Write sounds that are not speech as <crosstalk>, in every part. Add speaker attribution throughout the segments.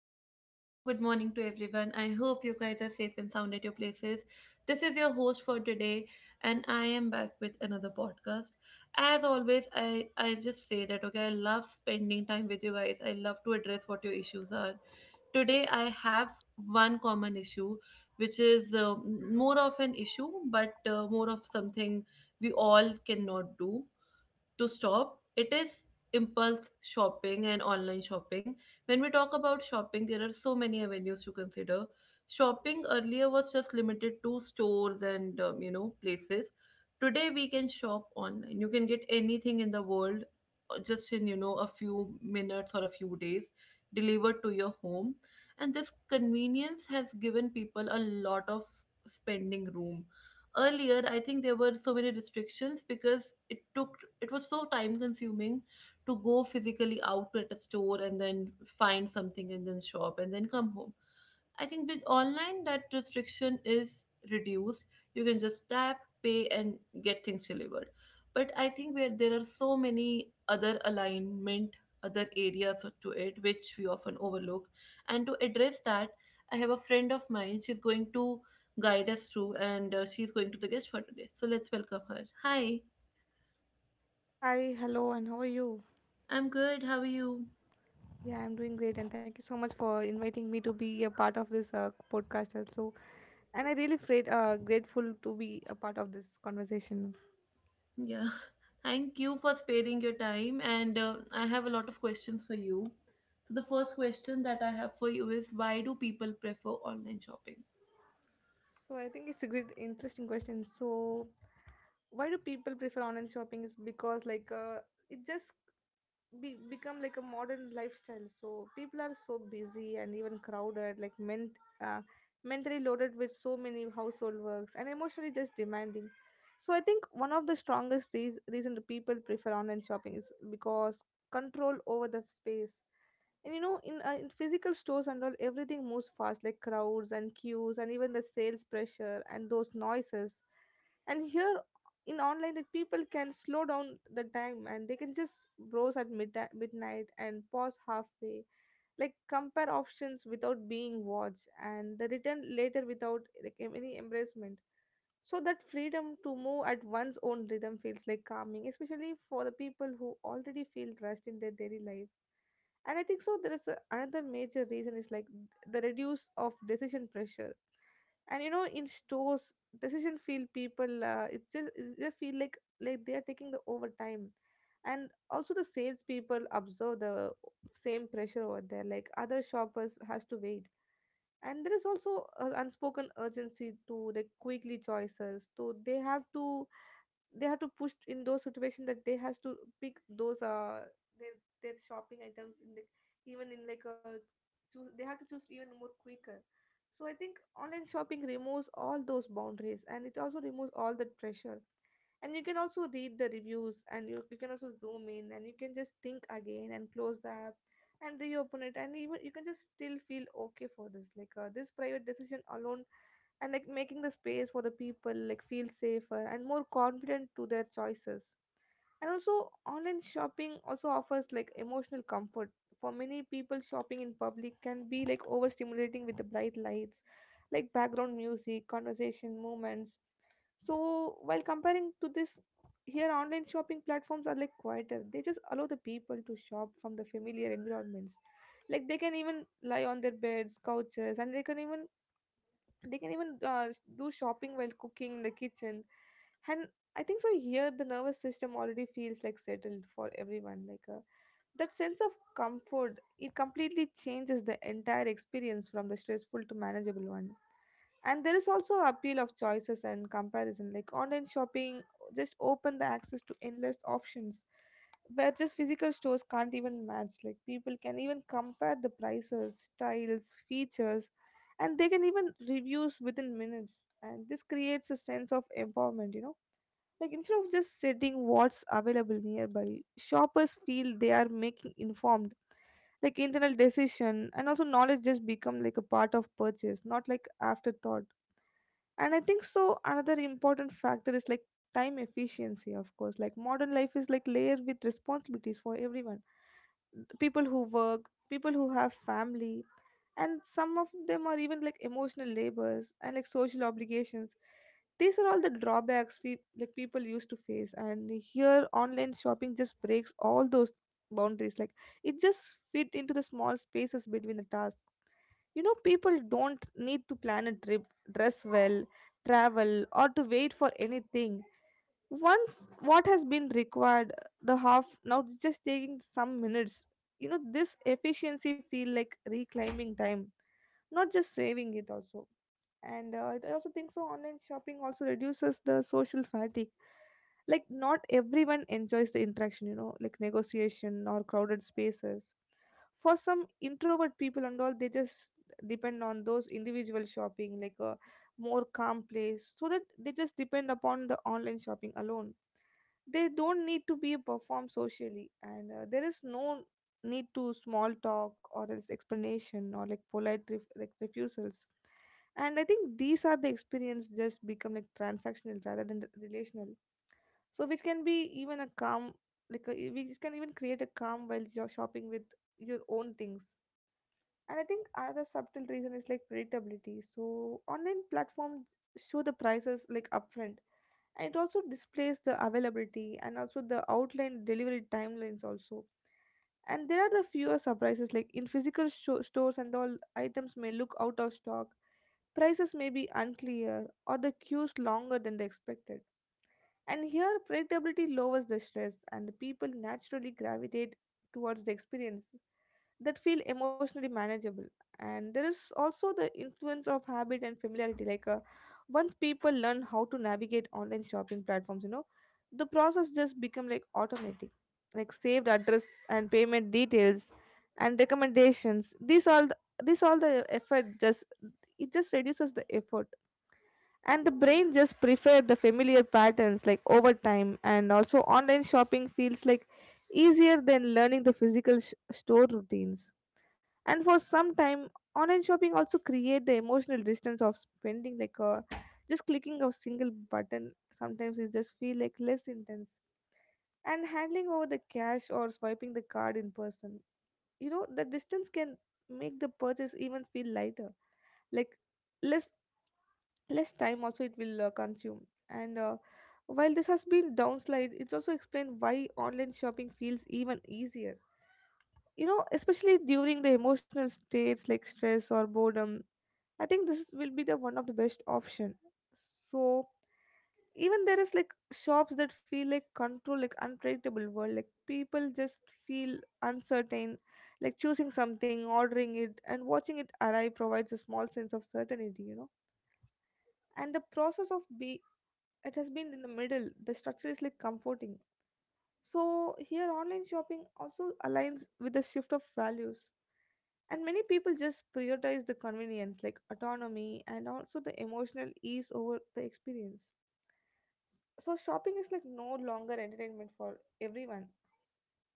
Speaker 1: and very warm good morning to everyone. I hope you guys are safe and sound at your places. This is your host for today, and I am back with another podcast. As always, I just say that okay, I love spending time with you guys. I love to address what your issues are. Today, I have one common issue, which is more of an issue, but more of something we all cannot do to stop it is impulse shopping and online shopping. When we talk about shopping, there are so many avenues to consider. Shopping earlier was just limited to stores and places. Today we can shop online. You can get anything in the world just in a few minutes or a few days, delivered to your home. And this convenience has given people a lot of spending room. Earlier I think there were so many restrictions because it was so time consuming to go physically out at a store and then find something and then shop and then come home. I think with online that restriction is reduced. You can just tap, pay and get things delivered. But I think where there are so many other alignment, other areas to it which we often overlook. And to address that, I have a friend of mine. She's going to guide us through, and she's going to the guest for today. So let's welcome her. Hi.
Speaker 2: Hi, hello, and how are you?
Speaker 1: I'm good. How are you?
Speaker 2: Yeah, I'm doing great, and thank you so much for inviting me to be a part of this podcast also. And I really feel grateful to be a part of this conversation.
Speaker 1: Yeah, <laughs> thank you for sparing your time, and I have a lot of questions for you. So the first question that I have for you is, why do people prefer online shopping?
Speaker 2: So I think it's a great, interesting question. So why do people prefer online shopping? Is because like it just become like a modern lifestyle, so people are so busy and even crowded, like uh, mentally loaded with so many household works and emotionally just demanding. So I think one of the strongest reason the people prefer online shopping is because control over the space. And you know, in physical stores and all, everything moves fast, like crowds and queues and even the sales pressure and those noises. And here in online, like people can slow down the time and they can just browse at midnight and pause halfway, like compare options without being watched and the return later without like any embarrassment. So that freedom to move at one's own rhythm feels like calming, especially for the people who already feel rushed in their daily life. And I think so there is another major reason, is like the reduce of decision pressure. And you know, in stores, decision feel people, it's just they feel like they are taking the overtime. And also the sales people observe the same pressure over there, like other shoppers has to wait. And there is also an unspoken urgency to like quickly choices, so they have to, they have to push in those situations that they has to pick those their their shopping items in the, even in like a, choose, they have to choose even more quicker. So I think online shopping removes all those boundaries, and it also removes all the pressure. And you can also read the reviews, and you can also zoom in, and you can just think again and close the app and reopen it, and even you can just still feel okay for this, like this private decision alone, and like making the space for the people like feel safer and more confident to their choices. And also online shopping also offers like emotional comfort. For many people, shopping in public can be like overstimulating, with the bright lights like background music, conversation, movements. So while comparing to this, here online shopping platforms are like quieter, they just allow the people to shop from the familiar environments. Like they can even lie on their beds, couches, and they can even, they can even do shopping while cooking in the kitchen. And I think so, here the nervous system already feels like settled for everyone, like that sense of comfort, it completely changes the entire experience from the stressful to manageable one. And there is also appeal of choices and comparison. Like online shopping just open the access to endless options where just physical stores can't even match. Like people can even compare the prices, styles, features, and they can even reviews within minutes. And this creates a sense of empowerment, you know, like instead of just setting what's available nearby, shoppers feel they are making informed, like internal decision, and also knowledge just become like a part of purchase, not like afterthought. And I think so another important factor is like time efficiency. Of course, like modern life is like layered with responsibilities for everyone. People who work, people who have family, and some of them are even like emotional labors and like social obligations. These are all the drawbacks we, like people used to face, and here online shopping just breaks all those boundaries. Like it just fit into the small spaces between the tasks. You know, people don't need to plan a trip, dress well, travel, or to wait for anything. Once what has been required, the half now it's just taking some minutes. You know, this efficiency feel like reclaiming time, not just saving it also. And I also think so. Online shopping also reduces the social fatigue, like not everyone enjoys the interaction, you know, like negotiation or crowded spaces. For some introvert people and all, they just depend on those individual shopping, like more calm place, so that they just depend upon the online shopping alone. They don't need to be performed socially, and there is no need to small talk or else explanation or like like refusals. And I think these are the experience just become like transactional rather than the relational, so which can be even a calm, like which can even create a calm while you're shopping with your own things. And I think another subtle reason is like predictability. So online platforms show the prices like upfront, and it also displays the availability and also the outline delivery timelines also. And there are the fewer surprises, like in physical sho stores and all, items may look out of stock, prices may be unclear, or the queues longer than they expected. And here, predictability lowers the stress, and the people naturally gravitate towards the experience that feel emotionally manageable. And there is also the influence of habit and familiarity. Like once people learn how to navigate online shopping platforms, you know, the process just become like automatic. Like saved address and payment details and recommendations. This all the effort just, it just reduces the effort. And the brain just prefer the familiar patterns like over time. And also online shopping feels like easier than learning the physical store routines. And for some time online shopping also create the emotional distance of spending, like a just clicking a single button, sometimes it just feel like less intense and handling over the cash or swiping the card in person. You know, the distance can make the purchase even feel lighter, like less, less time also it will consume. And while this has been downslide, it's also explained why online shopping feels even easier, you know, especially during the emotional states like stress or boredom. I think this will be the one of the best option. So even there is like shops that feel like control, like unpredictable world, like people just feel uncertain. Like choosing something, ordering it, and watching it arrive provides a small sense of certainty, you know. And the process of be, it has been in the middle, the structure is like comforting. So here online shopping also aligns with the shift of values, and many people just prioritize the convenience like autonomy and also the emotional ease over the experience. So shopping is like no longer entertainment for everyone.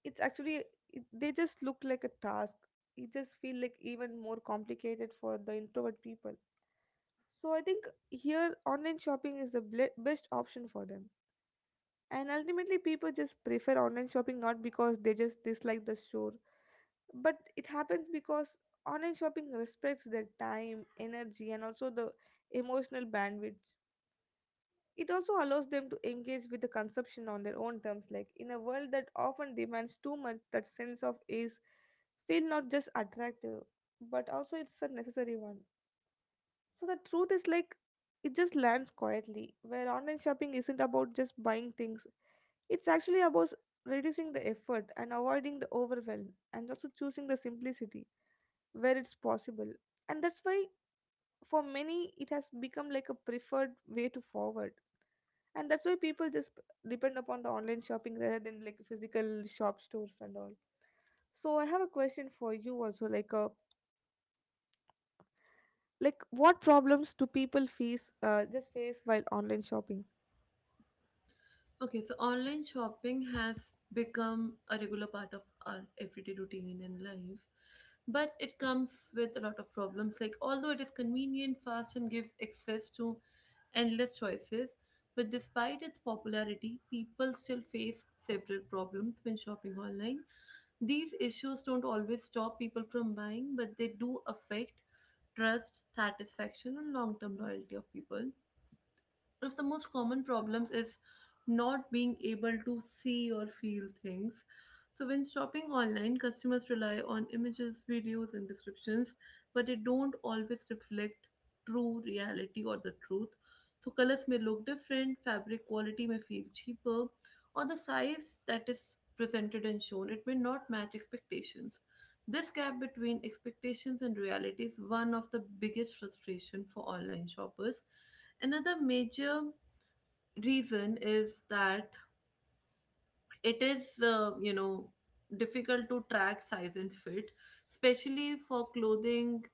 Speaker 2: It's actually, they just look like a task. It just feel like even more complicated for the introvert people. So I think here online shopping is the best option for them. And ultimately, people just prefer online shopping not because they just dislike the store, but it happens because online shopping respects their time, energy, and also the emotional bandwidth. It also allows them to engage with the consumption on their own terms, like in a world that often demands too much, that sense of ease feel not just attractive, but also it's a necessary one. So the truth is, like it just lands quietly, where online shopping isn't about just buying things. It's actually about reducing the effort and avoiding the overwhelm, and also choosing the simplicity where it's possible. And that's why for many it has become like a preferred way to forward. And that's why people just depend upon the online shopping rather than like physical shop stores and all. So I have a question for you also, like what problems do people face just face while online shopping?
Speaker 1: Okay, so online shopping has become a regular part of our everyday routine and life, but it comes with a lot of problems. Like, although it is convenient, fast, and gives access to endless choices, but despite its popularity, people still face several problems when shopping online. These issues don't always stop people from buying, but they do affect trust, satisfaction, and long term loyalty of people. One of the most common problems is not being able to see or feel things. So, when shopping online, customers rely on images, videos, and descriptions, but they don't always reflect true reality or the truth. So, colors may look different, fabric quality may feel cheaper, or the size that is presented and shown, it may not match expectations. This gap between expectations and reality is one of the biggest frustration for online shoppers. Another major reason is that it is, difficult to track size and fit, especially for clothing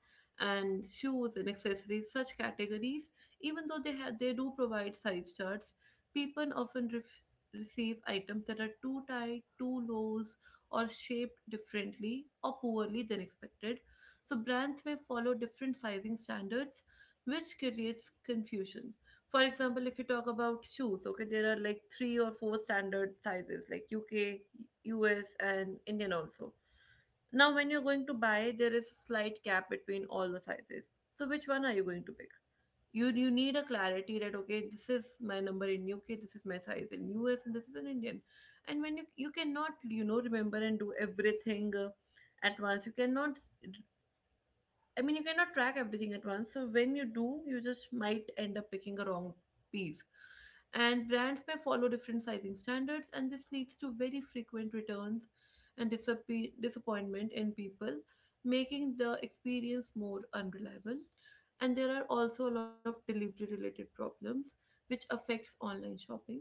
Speaker 1: and shoes and accessories, such categories. Even though they do provide size charts, people often receive items that are too tight, too loose, or shaped differently or poorly than expected. So brands may follow different sizing standards, which creates confusion. For example, if you talk about shoes, okay, there are like three or four standard sizes, like UK, US and Indian also. Now when you're going to buy, there is a slight gap between all the sizes. So which one are you going to pick? You need a clarity that okay, this is my number in UK, this is my size in US, and this is an Indian. And when you cannot remember and do everything at once, you cannot, I mean, you cannot track everything at once. So when you do, you just might end up picking a wrong piece. And brands may follow different sizing standards, and this leads to very frequent returns and disappointment in people, making the experience more unreliable. And there are also a lot of delivery related problems, which affects online shopping.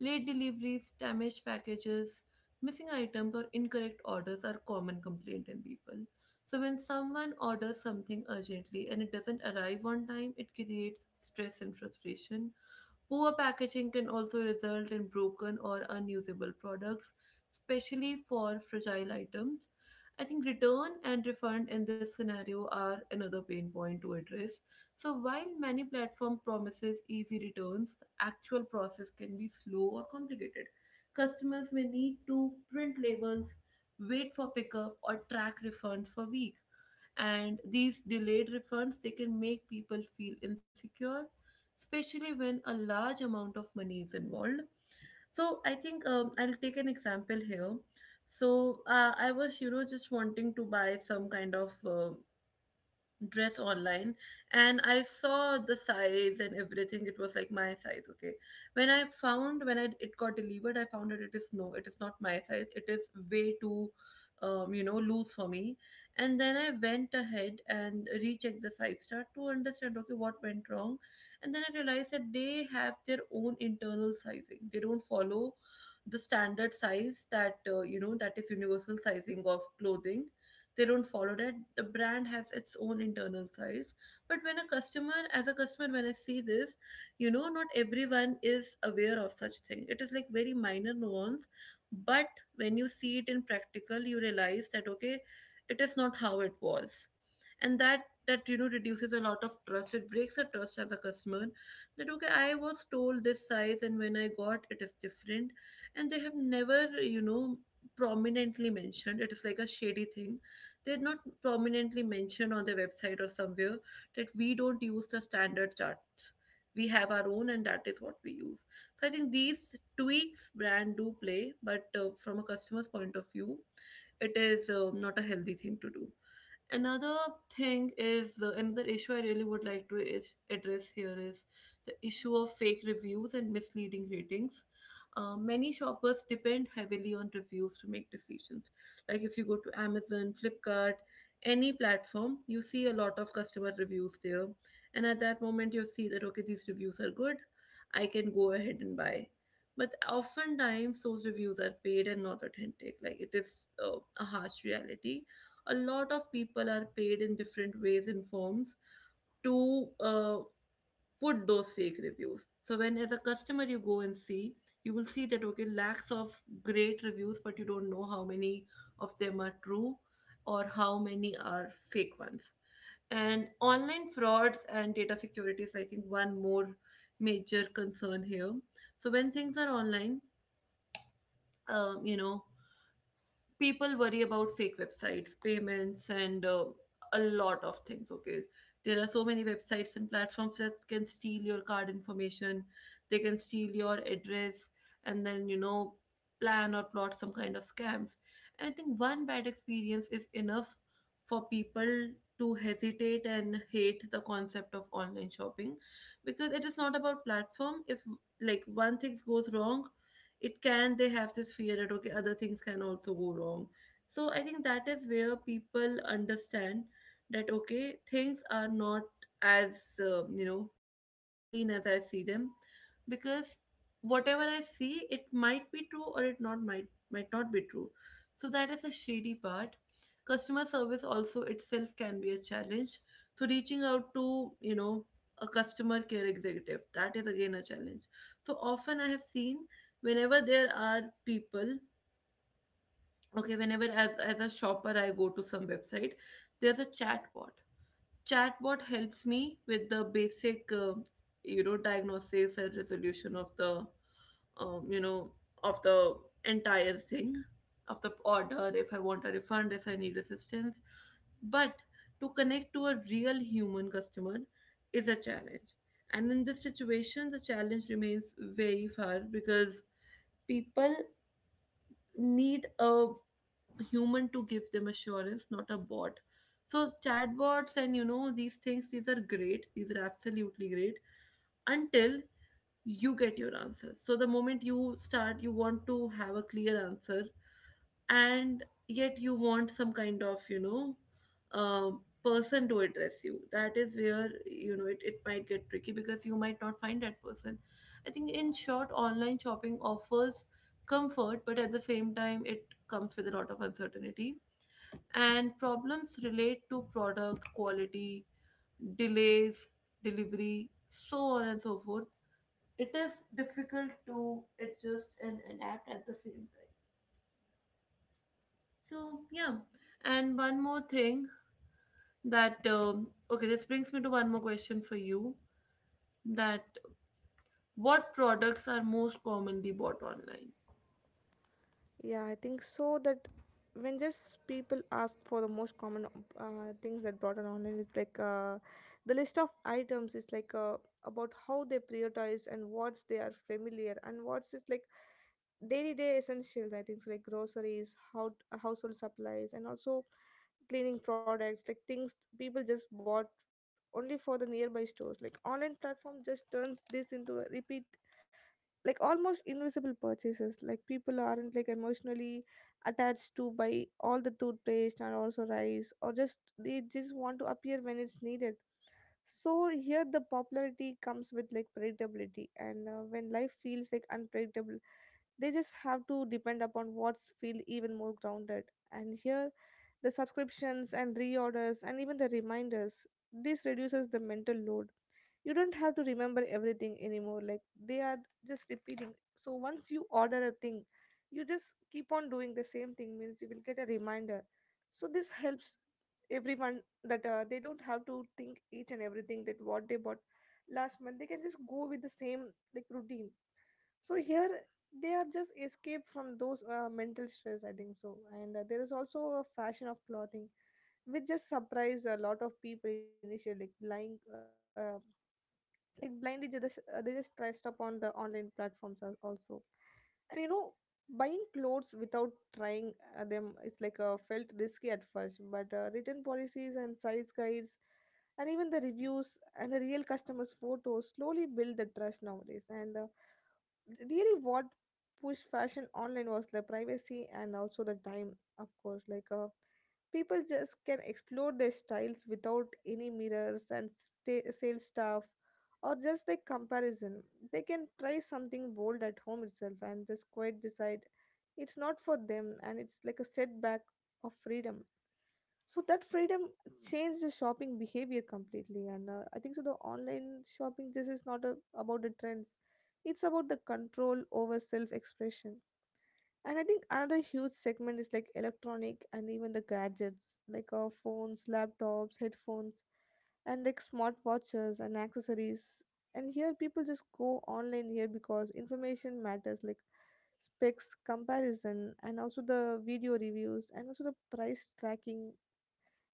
Speaker 1: Late deliveries, damaged packages, missing items, or incorrect orders are common complaint in people. So when someone orders something urgently and it doesn't arrive on time, it creates stress and frustration. Poor packaging can also result in broken or unusable products, especially for fragile items. I think return and refund in this scenario are another pain point to address. So while many platform promises easy returns, the actual process can be slow or complicated. Customers may need to print labels, wait for pickup or track refunds for weeks, and these delayed refunds, they can make people feel insecure, especially when a large amount of money is involved. So I think I'll take an example here. So I was, just wanting to buy some kind of dress online, and I saw the size and everything. It was like my size, okay. When I found when I, it got delivered, I found that it is no, it is not my size. It is way too loose for me. And then I went ahead and rechecked the size chart to understand, okay, what went wrong. And then I realized that they have their own internal sizing. They don't follow the standard size that that is universal sizing of clothing. They don't follow that. The brand has its own internal size. But when a customer, as a customer, when I see this, not everyone is aware of such thing. It is like very minor nuance. But when you see it in practical, you realize that okay, it is not how it was. And that that reduces a lot of trust. It breaks a trust as a customer, that okay, I was told this size, and when I got it, is different. And they have never, you know prominently mentioned. It is like a shady thing. They are not prominently mentioned on their website or somewhere that we don't use the standard charts. We have our own, and that is what we use. So I think these tweaks brand do play, but from a customer's point of view, it is not a healthy thing to do. Another thing is, the another issue I really would like to is address here is the issue of fake reviews and misleading ratings. Many shoppers depend heavily on reviews to make decisions. Like if you go to Amazon, Flipkart, any platform, you see a lot of customer reviews there, and at that moment you see that okay, these reviews are good, I can go ahead and buy. But oftentimes those reviews are paid and not authentic. Like it is a harsh reality. A lot of people are paid in different ways and forms to put those fake reviews. So when as a customer you go and see, you will see that okay, lakhs of great reviews, but you don't know how many of them are true or how many are fake ones. And online frauds and data security is, I think, one more major concern here. So when things are online, um, you know, people worry about fake websites, payments, and a lot of things. Okay, there are so many websites and platforms that can steal your card information, they can steal your address, and then plan or plot some kind of scams. And I think one bad experience is enough for people to hesitate and hate the concept of online shopping, because it is not about platform. If like one thing goes wrong, it can, they have this fear that okay, other things can also go wrong. So I think that is where people understand that okay, things are not as as clean as I see them, because whatever I see, it might be true, or it not might not be true. So that is a shady part. Customer service also itself can be a challenge. So reaching out to a customer care executive, that is again a challenge. So often I have seen, whenever there are people, okay, whenever as a shopper, I go to some website, there's a chatbot. Chatbot helps me with the basic diagnosis and resolution of the um, you know of the entire thing, of the order, if I want a refund, if I need assistance. But to connect to a real human customer is a challenge. And in this situation, the challenge remains very far because people need a human to give them assurance, not a bot. So chatbots and these things, these are great. These are absolutely great until you get your answers. So the moment you start, you want to have a clear answer and yet you want some kind of person to address you. That is where you know it might get tricky because you might not find that person. I think in short, online shopping offers comfort, but at the same time it comes with a lot of uncertainty and problems relate to product quality, delays, delivery, so on and so forth. It is difficult to adjust and adapt at the same time. So yeah, and one more thing that this brings me to one more question for you. That what products are most commonly bought online?
Speaker 2: Yeah, I think so. That when just people ask for the most common things that brought on online, it's like the list of items is like about how they prioritize and what's they are familiar and what's just like daily day essentials. I think so, like groceries, how household supplies, and also cleaning products, like things people just bought only for the nearby stores. Like online platform just turns this into a repeat, like almost invisible purchases. Like people aren't like emotionally attached to buy all the toothpaste and also rice, or just they just want to appear when it's needed. So here the popularity comes with like predictability, and when life feels like unpredictable, they just have to depend upon what's feel even more grounded. And here the subscriptions and reorders and even the reminders, this reduces the mental load. You don't have to remember everything anymore, like they are just repeating. So once you order a thing, you just keep on doing the same thing means you will get a reminder. So this helps everyone that they don't have to think each and everything that what they bought last month. They can just go with the same like routine. So here they are just escape from those mental stress, I think so. And there is also a fashion of clothing which just surprised a lot of people initially, like lying like blindly, they just trust upon the online platforms also. And you know buying clothes without trying them is like felt risky at first, but written policies and size guides and even the reviews and the real customers photos slowly build the trust nowadays. And really what pushed fashion online was the privacy and also the time, of course, like people just can explore their styles without any mirrors and sta sales staff or just like comparison. They can try something bold at home itself and just quite decide it's not for them, and it's like a setback of freedom. So that freedom changed the shopping behavior completely, and I think so. The online shopping, this is not a, about the trends; it's about the control over self-expression. And I think another huge segment is like electronic and even the gadgets, like our phones, laptops, headphones, and like smartwatches and accessories. And here people just go online here because information matters, like specs comparison and also the video reviews and also the price tracking.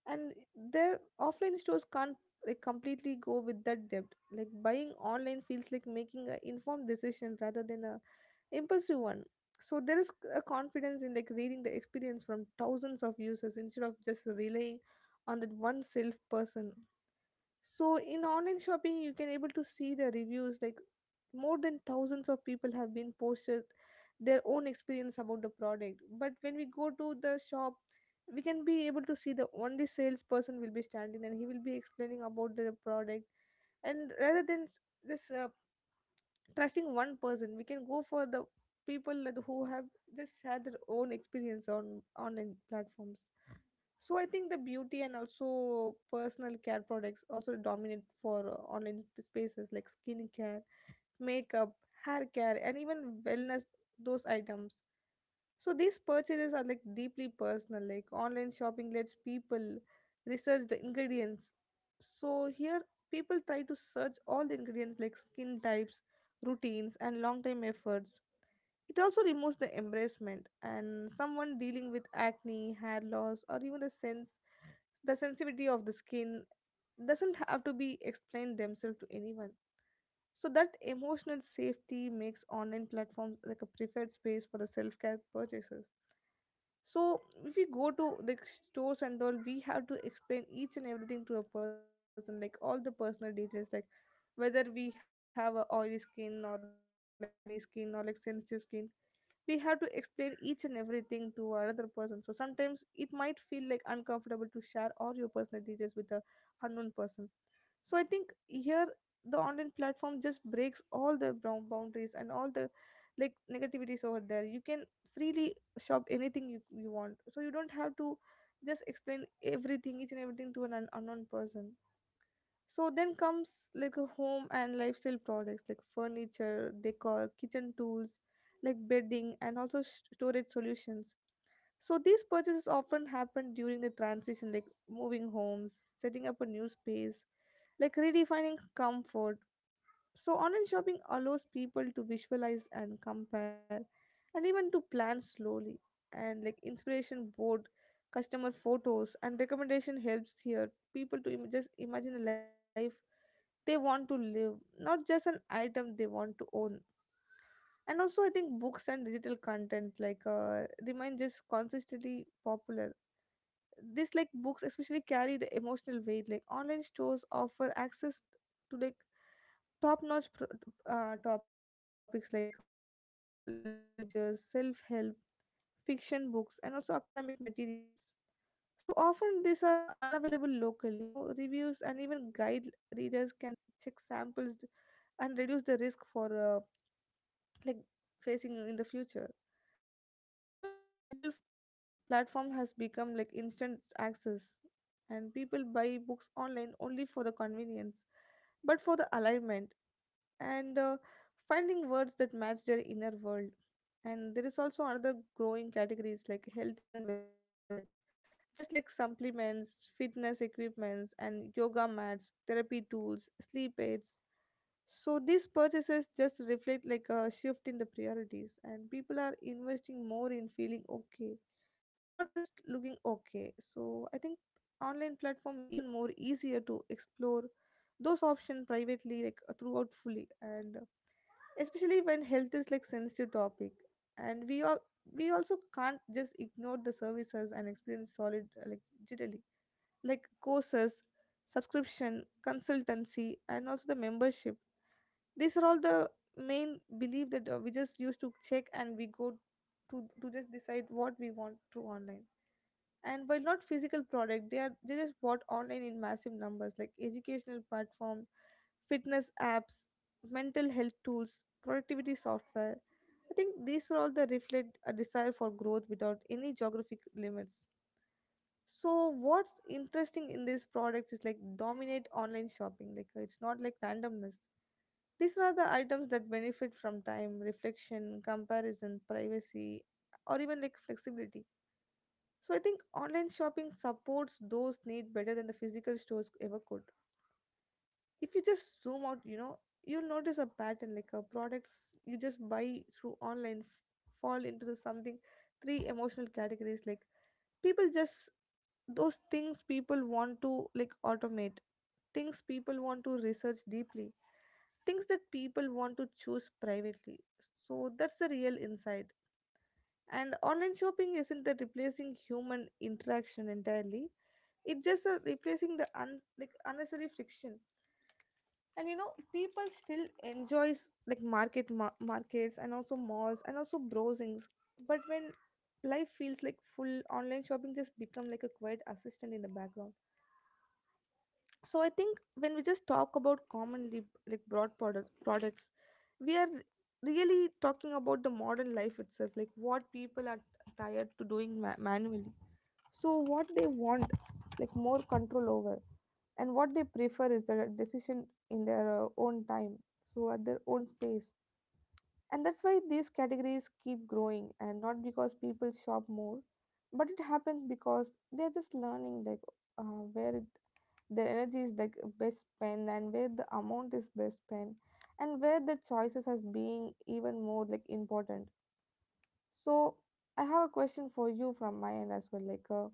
Speaker 2: And their offline stores can't like completely go with that depth. Like buying online feels like making an informed decision rather than a impulsive one. So there is a confidence in like reading the experience from thousands of users instead of just relying on that one self person. So in online shopping you can able to see the reviews, like more than thousands of people have been posted their own experience about the product. But when we go to the shop, we can be able to see the only salesperson will be standing and he will be explaining about the product. And rather than s- this trusting one person, we can go for the people that who have just shared their own experience on online platforms. So I think the beauty and also personal care products also dominate for online spaces, like skincare, makeup, hair care, and even wellness, those items. So these purchases are like deeply personal. Like online shopping lets people research the ingredients. So here people try to search all the ingredients, like skin types, routines, and long time efforts. It also removes the embarrassment, and someone dealing with acne, hair loss, or even the sensitivity of the skin doesn't have to be explained themselves to anyone. So that emotional safety makes online platforms like a preferred space for the self-care purchases. So if we go to the stores and all, we have to explain each and everything to a person, like all the personal details, like whether we have a oily skin or like acne skin or like sensitive skin. We have to explain each and everything to another person, so sometimes it might feel like uncomfortable to share all your personal details with a unknown person. So I think here the online platform just breaks all the brown boundaries and all the like negativities over there. You can freely shop anything you want, so you don't have to just explain everything each and everything to an unknown person. So then comes like a home and lifestyle products, like furniture, decor, kitchen tools, like bedding and also storage solutions. So these purchases often happen during the transition, like moving homes, setting up a new space, like redefining comfort. So online shopping allows people to visualize and compare and even to plan slowly. And like inspiration board, customer photos, and recommendation helps here people to just imagine a life they want to live, not just an item they want to own. And also, I think books and digital content like remain just consistently popular. This like books especially carry the emotional weight. Like online stores offer access to like top-notch pro- topics like regional languages, self-help, fiction books, and also academic materials. So often these are unavailable locally. You know reviews and even guide, readers can check samples and reduce the risk for uh, like facing in the future. And even platform has become like instant access, and people buy books online only for the convenience, but for the alignment and finding words that match their inner world. And there is also another growing categories like health and wellness products, just like supplements, fitness equipments, and yoga mats, therapy tools, sleep aids. So these purchases just reflect like a shift in the priorities, and people are investing more in feeling okay, not just looking okay. So I think online platform makes it even more easier to explore those options privately, like throughout fully, and especially when health is like sensitive topic. And we also can't just ignore the services and experience solid like digitally, like courses, subscription, consultancy, and also the membership. These are all the main belief that we just used to check, and we go to just decide what we want through online. And while not physical product, they are they just bought online in massive numbers, like educational platforms, fitness apps, mental health tools, productivity software. I think these are all the reflect a desire for growth without any geographic limits. So what's interesting in these products is like dominate online shopping, like it's not like randomness. These are the items that benefit from time, reflection, comparison, privacy, or even like flexibility. So I think online shopping supports those need better than the physical stores ever could. If you just zoom out, you know, you'll notice a pattern, like products you just buy through fall into the something three emotional categories, like people just those things people want to like automate, things people want to research deeply, things that people want to choose privately. So that's the real insight. And online shopping isn't a replacing human interaction entirely. It's just a replacing the like unnecessary friction. And you know, people still enjoys like markets and also malls and also browsings. But when life feels like full, online shopping just become like a quiet assistant in the background. So I think when we just talk about commonly like products, we are really talking about the modern life itself, like what people are tired to doing manually. So what they want like more control over, and what they prefer is a decision in their own time, so at their own space. And that's why these categories keep growing, and not because people shop more, but it happens because they're just learning like uh, where it their energy is like best spent, and where the amount is best spent, and where the choices as being even more like important. So I have a question for you from my end as well, like uh,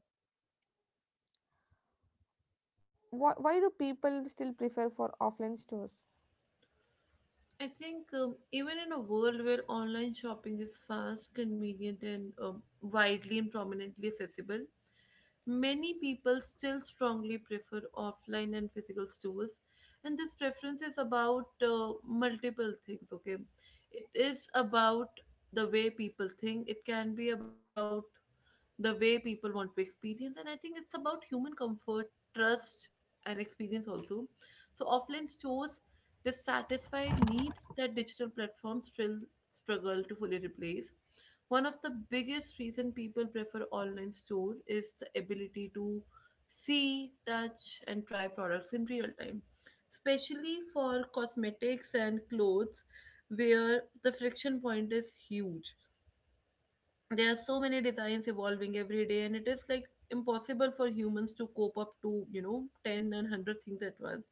Speaker 2: why, why do people still prefer for offline stores?
Speaker 1: I think even in a world where online shopping is fast, convenient, and widely and prominently accessible, many people still strongly prefer offline and physical stores. And this preference is about multiple things, okay? It is about the way people think, it can be about the way people want to experience, and I think it's about human comfort, trust, and experience also. So offline stores dissatisfied needs that digital platforms still struggle to fully replace. One of the biggest reason people prefer online store is the ability to see, touch, and try products in real time, especially for cosmetics and clothes, where the friction point is huge. There are so many designs evolving every day, and it is like impossible for humans to cope up to, you know, 10 and 100 things at once.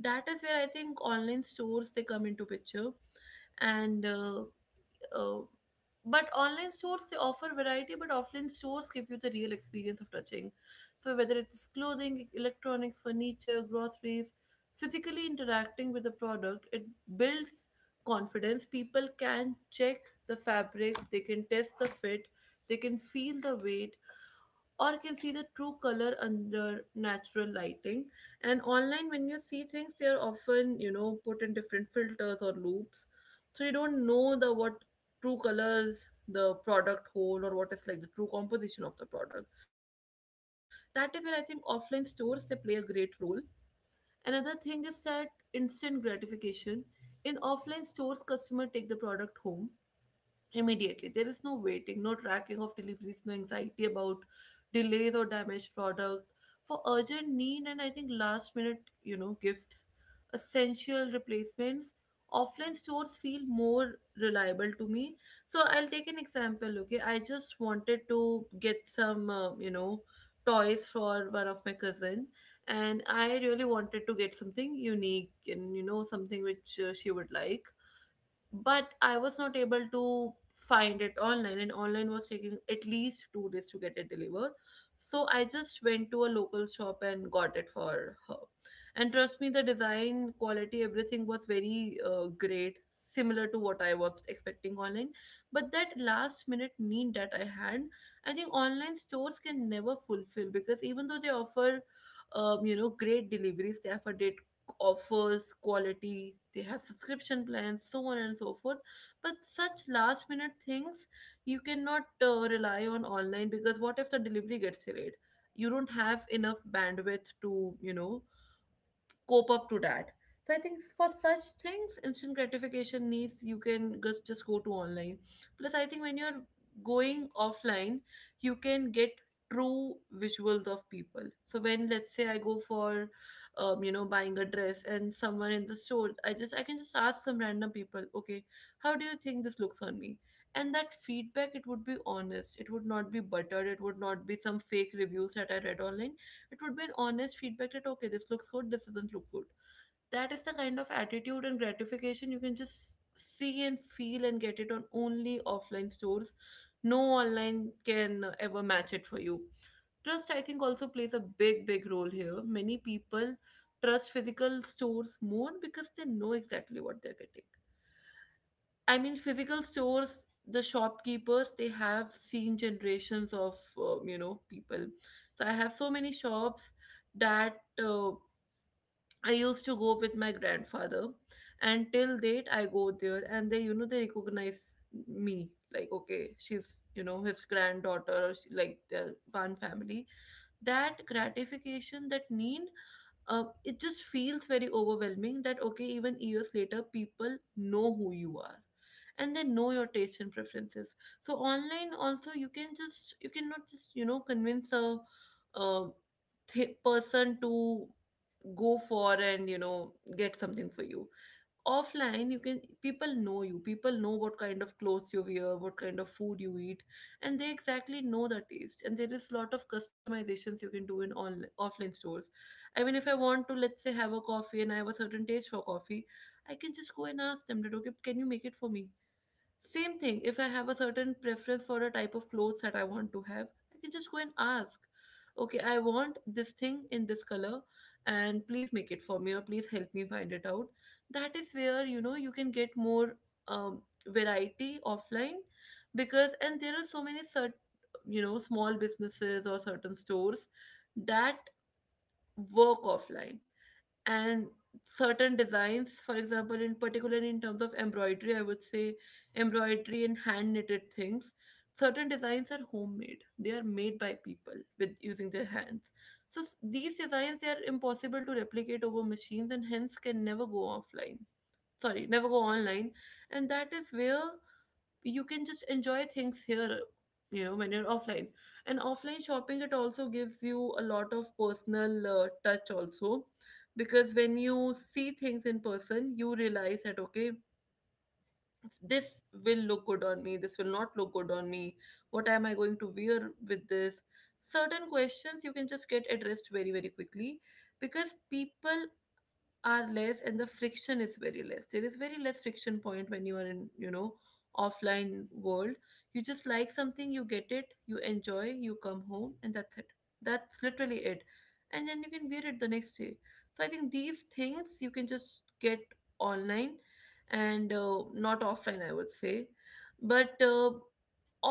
Speaker 1: That is where I think online stores they come into picture. And uh, but online stores they offer variety, but offline stores give you the real experience of touching. So whether it's clothing, electronics, furniture, groceries, physically interacting with the product, it builds confidence. People can check the fabric, they can test the fit, they can feel the weight, or can see the true color under natural lighting. And online, when you see things, they are often, you know, put in different filters or loops. So you don't know the what true colors the product hold or what is like the true composition of the product. That is where I think offline stores they play a great role. Another thing is that instant gratification. In offline stores, customer take the product home immediately. There is no waiting, no tracking of deliveries, no anxiety about delays or damaged product. For urgent need, and I think last minute, you know, gifts, essential replacements, offline stores feel more reliable to me. So I'll take an example, okay? I just wanted to get some, you know, toys for one of my cousin, and I really wanted to get something unique and you know something which she would like, but I was not able to find it online, and online was taking at least 2 days to get it delivered. So I just went to a local shop and got it for her. And trust me, the design quality, everything was very great, similar to what I was expecting online. But that last minute need that I had, I think online stores can never fulfill, because even though they offer, you know, great delivery staff for day offers, quality, they have subscription plans, so on and so forth. But such last minute things you cannot rely on online, because what if the delivery gets delayed? You don't have enough bandwidth to, you know, cope up to that. So I think for such things, instant gratification needs, you can just go to online. Plus, I think when you're going offline, you can get true visuals of people. So when, let's say, I go for, you know, buying a dress and someone in the store, I can just ask some random people, okay, how do you think this looks on me? And that feedback, it would be honest. It would not be buttered. It would not be some fake reviews that I read online. It would be an honest feedback that, okay, this looks good, this doesn't look good. That is the kind of attitude and gratification you can just see and feel and get it on only offline stores. No online can ever match it for you. Trust, I think, also plays a big, big role here. Many people trust physical stores more because they know exactly what they're getting. I mean, physical stores, the shopkeepers, they have seen generations of, you know, people. So I have so many shops that I used to go with my grandfather. And till date, I go there and they, you know, they recognize me. Like, okay, she's, you know, his granddaughter, or she, like, they're one family. That gratification, that need, it just feels very overwhelming that okay, even years later, people know who you are, and they know your taste and preferences. So online also you can just, you cannot just, you know, convince a person to go for and you know get something for you. Offline you can, people know you, people know what kind of clothes you wear, what kind of food you eat, and they exactly know the taste, and there is lot of customizations you can do in on offline stores. I mean, if I want to, let's say, have a coffee and I have a certain taste for coffee, I can just go and ask them that, okay, can you make it for me? Same thing, if I have a certain preference for a type of clothes that I want to have, I can just go and ask, okay, I want this thing in this color, and please make it for me, or please help me find it out. That is where, you know, you can get more variety offline because, and there are so many cert you know, small businesses or certain stores that work offline, and certain designs, for example in particular in terms of embroidery, I would say embroidery and hand knitted things, certain designs are homemade, they are made by people with using their hands. So these designs they are impossible to replicate over machines and hence can never go offline, sorry, never go online. And that is where you can just enjoy things here, you know, when you're offline. And offline shopping it also gives you a lot of personal touch also, because when you see things in person you realize that, okay, this will look good on me, this will not look good on me, what am I going to wear with this. Certain questions you can just get addressed very, very quickly because people are less and the friction is very less. There is very less friction point when you are in, you know, offline world. You just like something, you get it, you enjoy, you come home, and that's it. That's literally it. And then you can wear it the next day. So I think these things you can just get online and not offline, I would say. But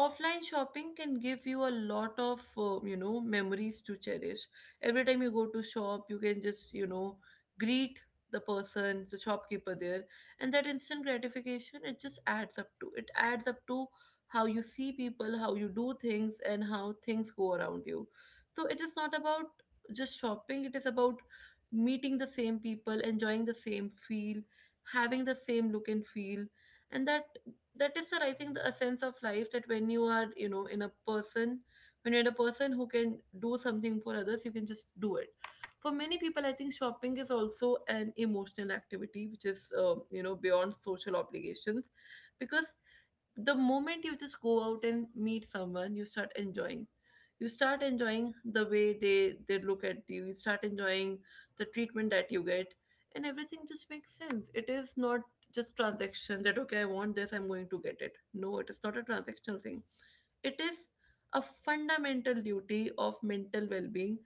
Speaker 1: offline shopping can give you a lot of you know memories to cherish. Every time you go to shop, you can just, you know, greet the person, the shopkeeper there, and that instant gratification it just adds up to, it adds up to how you see people, how you do things, and how things go around you. So it is not about just shopping, it is about meeting the same people, enjoying the same feel, having the same look and feel. And that I think the essence of life, that when you are, you know, in a person, when you're a person who can do something for others, you can just do it. For many people, I think shopping is also an emotional activity, which is you know beyond social obligations, because the moment you just go out and meet someone, you start enjoying. You start enjoying the way they look at you. You start enjoying the treatment that you get, and everything just makes sense. It is not just transaction that, okay, I want this, I'm going to get it. No, it is not a transactional thing. It is a fundamental duty of mental well-being.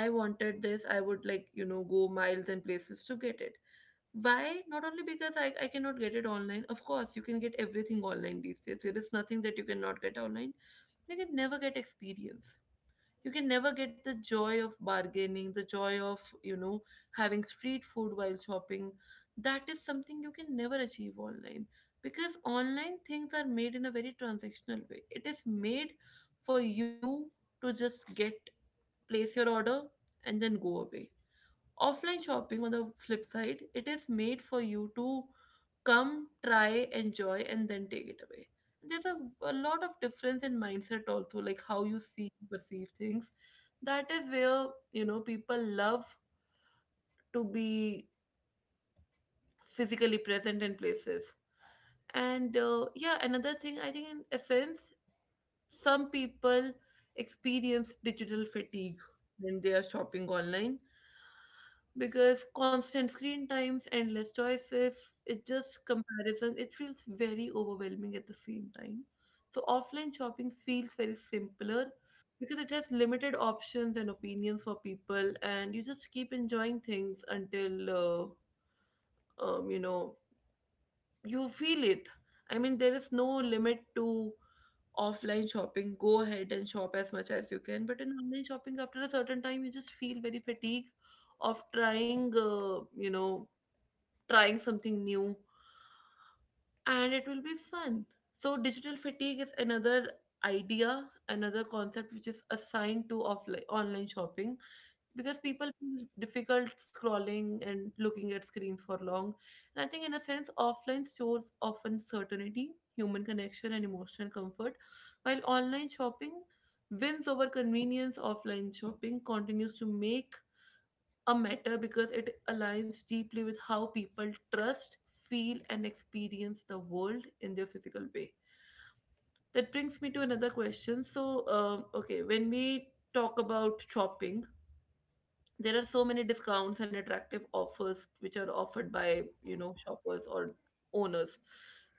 Speaker 1: I wanted this, I would like, you know, go miles and places to get it. Why? Not only because I cannot get it online. Of course, you can get everything online these days. There is nothing that you cannot get online. You can never get experience. You can never get the joy of bargaining, the joy of, you know, having street food while shopping. That is something you can never achieve online. Because online things are made in a very transactional way. It is made for you to just get, place your order, and then go away. Offline shopping, on the flip side, it is made for you to come, try, enjoy, and then take it away. There's a lot of difference in mindset also, like how you see, perceive things. That is where, you know, people love to be physically present in places. And yeah, another thing, I think in essence, some people experience digital fatigue when they are shopping online, because constant screen times, endless choices, it just comparison, it feels very overwhelming at the same time. So offline shopping feels very simpler because it has limited options and opinions for people, and you just keep enjoying things until um, you know you feel it. I mean, there is no limit to offline shopping. Go ahead and shop as much as you can, but in online shopping, after a certain time, you just feel very fatigued of trying, trying something new, and it will be fun. So, digital fatigue is another idea, another concept which is assigned to offline online shopping because people feel difficult scrolling and looking at screens for long. And I think, in a sense, offline stores often certainty, human connection, and emotional comfort, while online shopping wins over convenience. Offline shopping continues to make a matter because it aligns deeply with how people trust, feel, and experience the world in their physical way. That brings me to another question. When we talk about shopping, there are so many discounts and attractive offers which are offered by shoppers or owners,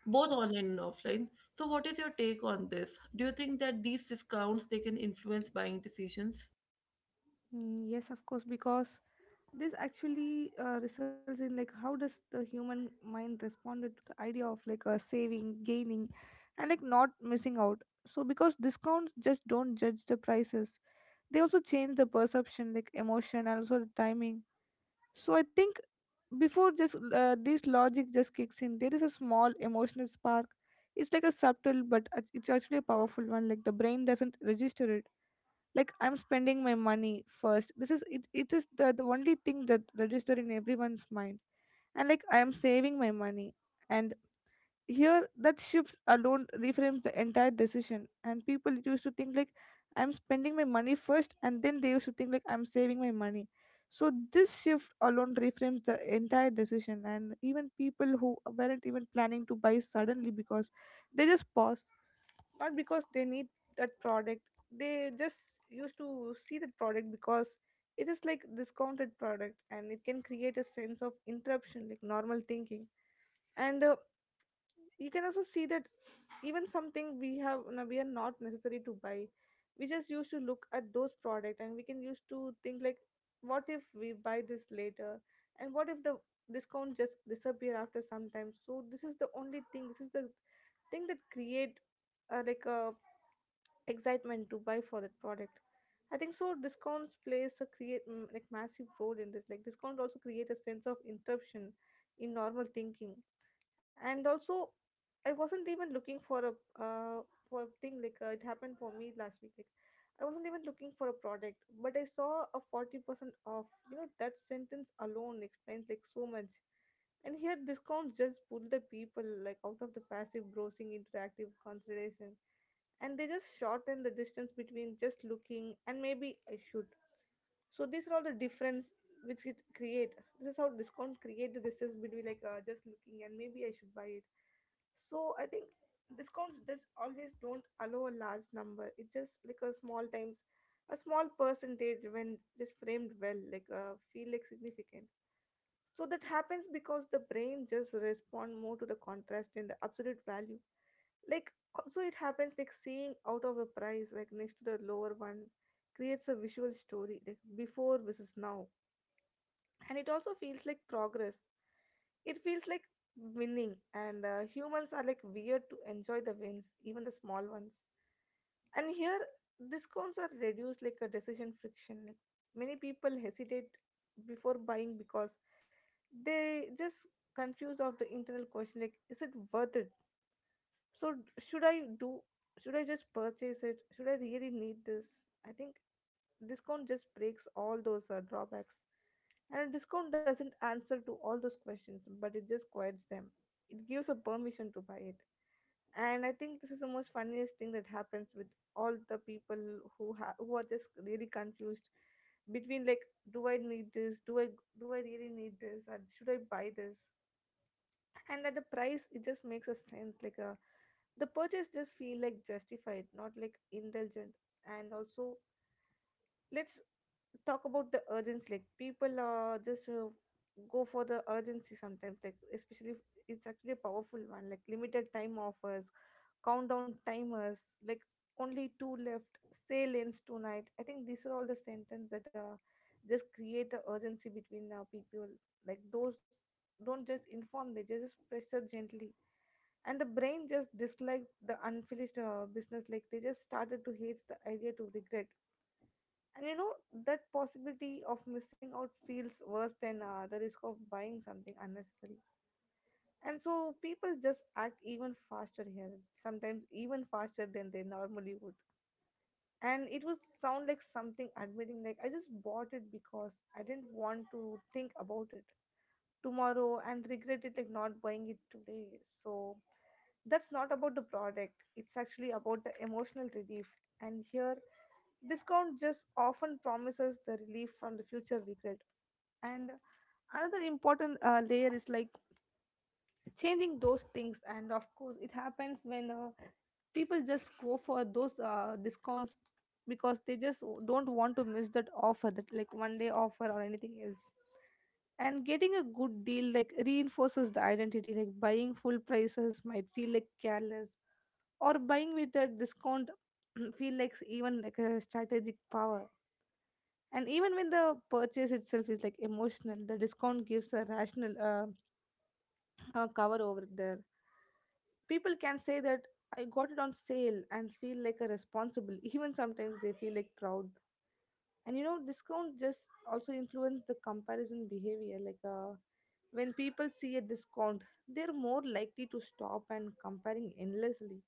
Speaker 1: both online and offline. So, what is your take on this? Do you think that these discounts they can influence buying decisions?
Speaker 2: Mm, yes, of course, because this actually results in like how does the human mind responded to the idea of like saving, gaining, and like not missing out. So because discounts just don't judge the prices, they also change the perception like emotion and also the timing. So I think before just this logic just kicks in, there is a small emotional spark. It's like a subtle but it's actually a powerful one. Like the brain doesn't register it like I'm spending my money first. This is it, it is the only thing that register in everyone's mind, and like I'm saving my money. And here, that shifts alone reframes the entire decision, and people used to think like I'm spending my money first, and then they used to think like I'm saving my money. So this shift alone reframes the entire decision, and even people who weren't even planning to buy suddenly because they just pause, not because they need that product. They just used to see that product because it is like discounted product, and it can create a sense of interruption, like normal thinking and you can also see that even something we have no, we are not necessary to buy, we just used to look at those product and we can used to think like what if we buy this later and what if the discount just disappear after some time. So this is the only thing, this is the thing that create like a excitement to buy for that product. I think so discounts plays a create like massive role in this, like discount also create a sense of interruption in normal thinking. And also I wasn't even looking uh, for a thing, like it happened for me last week, like I wasn't even looking for a product, but I saw a 40% off, you know that sentence alone explains like so much. And here discounts just pull the people like out of the passive browsing into the active consideration, and they just shorten the distance between just looking and maybe I should. So these are all the difference which it create. This is how discount create the distance between like just looking and maybe I should buy it. So I think discounts just always don't allow a large number, it's just like a small times, a small percentage when just framed well, like feel like significant. So that happens because the brain just respond more to the contrast and the absolute value. Like also it happens like seeing out of a price like next to the lower one creates a visual story, like before versus now, and it also feels like progress, it feels like winning. And humans are like weird to enjoy the wins, even the small ones. And here discounts are reduced like a decision friction. Like many people hesitate before buying because they just confused of the internal question, like is it worth it? So should I do, should I just purchase it? Should I really need this? I think discount just breaks all those drawbacks. And a discount doesn't answer to all those questions, but it just quiets them. It gives a permission to buy it. And I think this is the most funniest thing that happens with all the people who are just really confused between like, do I need this? Do I really need this? Or should I buy this? And at the price it just makes a sense, like a, the purchase just feel like justified, not like indulgent. And also, let's talk about the urgency, like people are just go for the urgency sometimes, like especially if it's actually a powerful one, like limited time offers, countdown timers, like only two left, sale ends tonight. I think these are all the sentences that just create the urgency between people. Like those don't just inform, they just pressure gently. And the brain just disliked the unfinished business, like they just started to hate the idea to regret. And you know that possibility of missing out feels worse than the risk of buying something unnecessary. And so people just act even faster here, sometimes even faster than they normally would. And it would sound like something admitting, like I just bought it because I didn't want to think about it tomorrow and regret it, like not buying it today. So that's not about the product, it's actually about the emotional relief. And here discount just often promises the relief from the future regret. And another important layer is like changing those things. And of course it happens when people just go for those discounts because they just don't want to miss that offer, that like one day offer or anything else. And getting a good deal like reinforces the identity, like buying full prices might feel like careless, or buying with a discount <clears throat> feel like even like a strategic power. And even when the purchase itself is like emotional, the discount gives a rational cover over there. People can say that I got it on sale and feel like a responsible. <laughs> Even sometimes they feel like proud. And you know, discount just also influence the comparison behavior. Like when people see a discount, they're more likely to stop and comparing endlessly.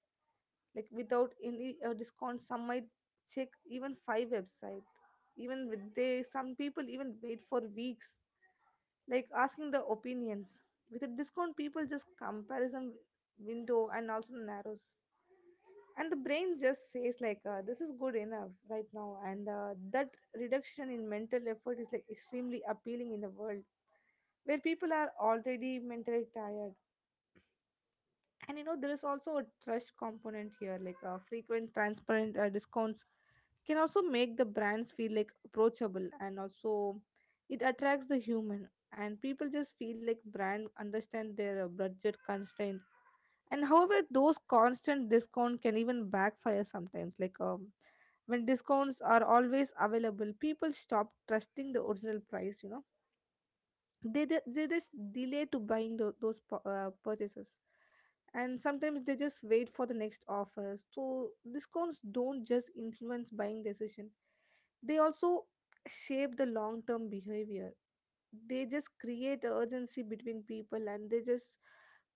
Speaker 2: Like without any discount, some might check even five website. Even with they, some people even wait for weeks, like asking the opinions. With a discount, people just comparison window and also narrows. And the brain just says like this is good enough right now. And that reduction in mental effort is like extremely appealing in a world where people are already mentally tired. And you know there is also a trust component here, like frequent transparent discounts can also make the brands feel like approachable, and also it attracts the human. And people just feel like brand understand their budget constraints. And however those constant discount can even backfire sometimes, like when discounts are always available, people stop trusting the original price, you know they just delay to buying those purchases, and sometimes they just wait for the next offers. So discounts don't just influence buying decision, they also shape the long term behavior. They just create a urgency between people, and they just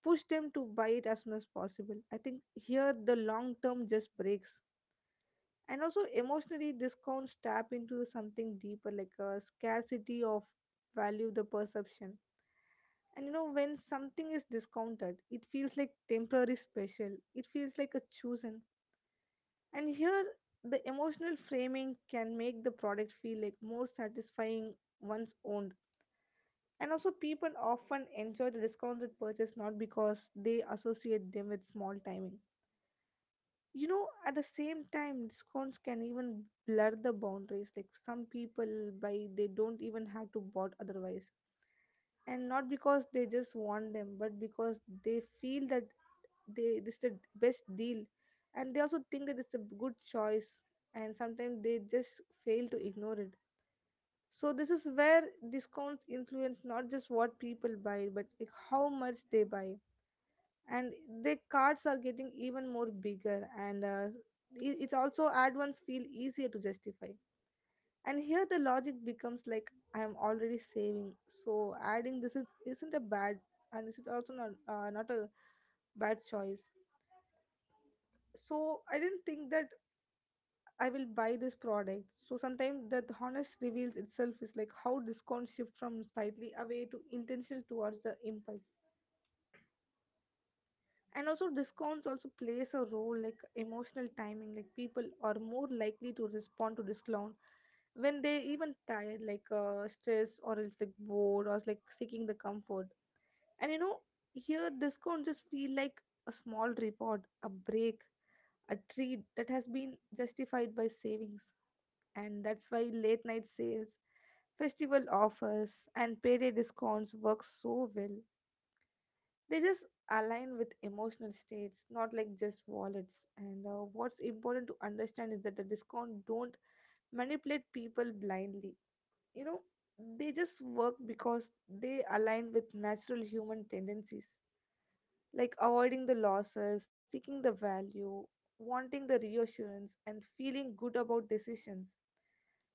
Speaker 2: push them to buy it as soon as possible. I think here the long term just breaks. And also emotionally discounts tap into something deeper, like a scarcity of value, the perception. And you know when something is discounted it feels like temporary special, it feels like a chosen. And here the emotional framing can make the product feel like more satisfying once owned. And also, people often enjoy the discounted purchase not because they associate them with small timing. You know, at the same time, discounts can even blur the boundaries. Like some people buy, they don't even have to bought otherwise, and not because they just want them, but because they feel that they this is the best deal, and they also think that it's a good choice. And sometimes they just fail to ignore it. So this is where discounts influence not just what people buy, but like how much they buy. And the cards are getting even more bigger, and it's also add-ons feel easier to justify. And here the logic becomes like I am already saving, so adding this is, isn't a bad, and this is also not not a bad choice. So I didn't think that I will buy this product. So sometimes the honest reveals itself is like how discounts shift from slightly away to intentional towards the impulse. And also discounts also plays a role like emotional timing. Like people are more likely to respond to discount when they even tired, like stress or else like bored or like seeking the comfort. And you know here discounts just feel like a small reward, a break, a treat that has been justified by savings. And that's why late night sales, festival offers, and payday discounts work so well. They just align with emotional states, not like just wallets. And what's important to understand is that the discount don't manipulate people blindly. You know, they just work because they align with natural human tendencies, like avoiding the losses, seeking the value, wanting the reassurance, and feeling good about decisions.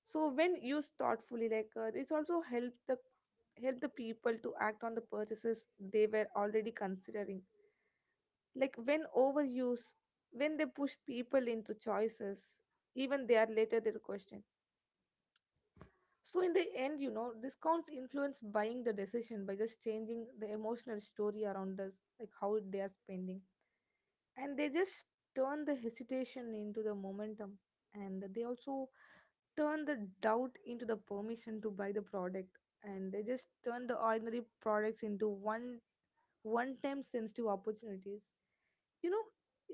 Speaker 2: So when used thoughtfully, like it's also help the people to act on the purchases they were already considering. Like when overuse, when they push people into choices, even they are later they're questioned. So in the end, you know, discounts influence buying the decision by just changing the emotional story around us, like how they are spending. And they just turn the hesitation into the momentum, and they also turn the doubt into the permission to buy the product. And they just turn the ordinary products into one time sensitive opportunities. You know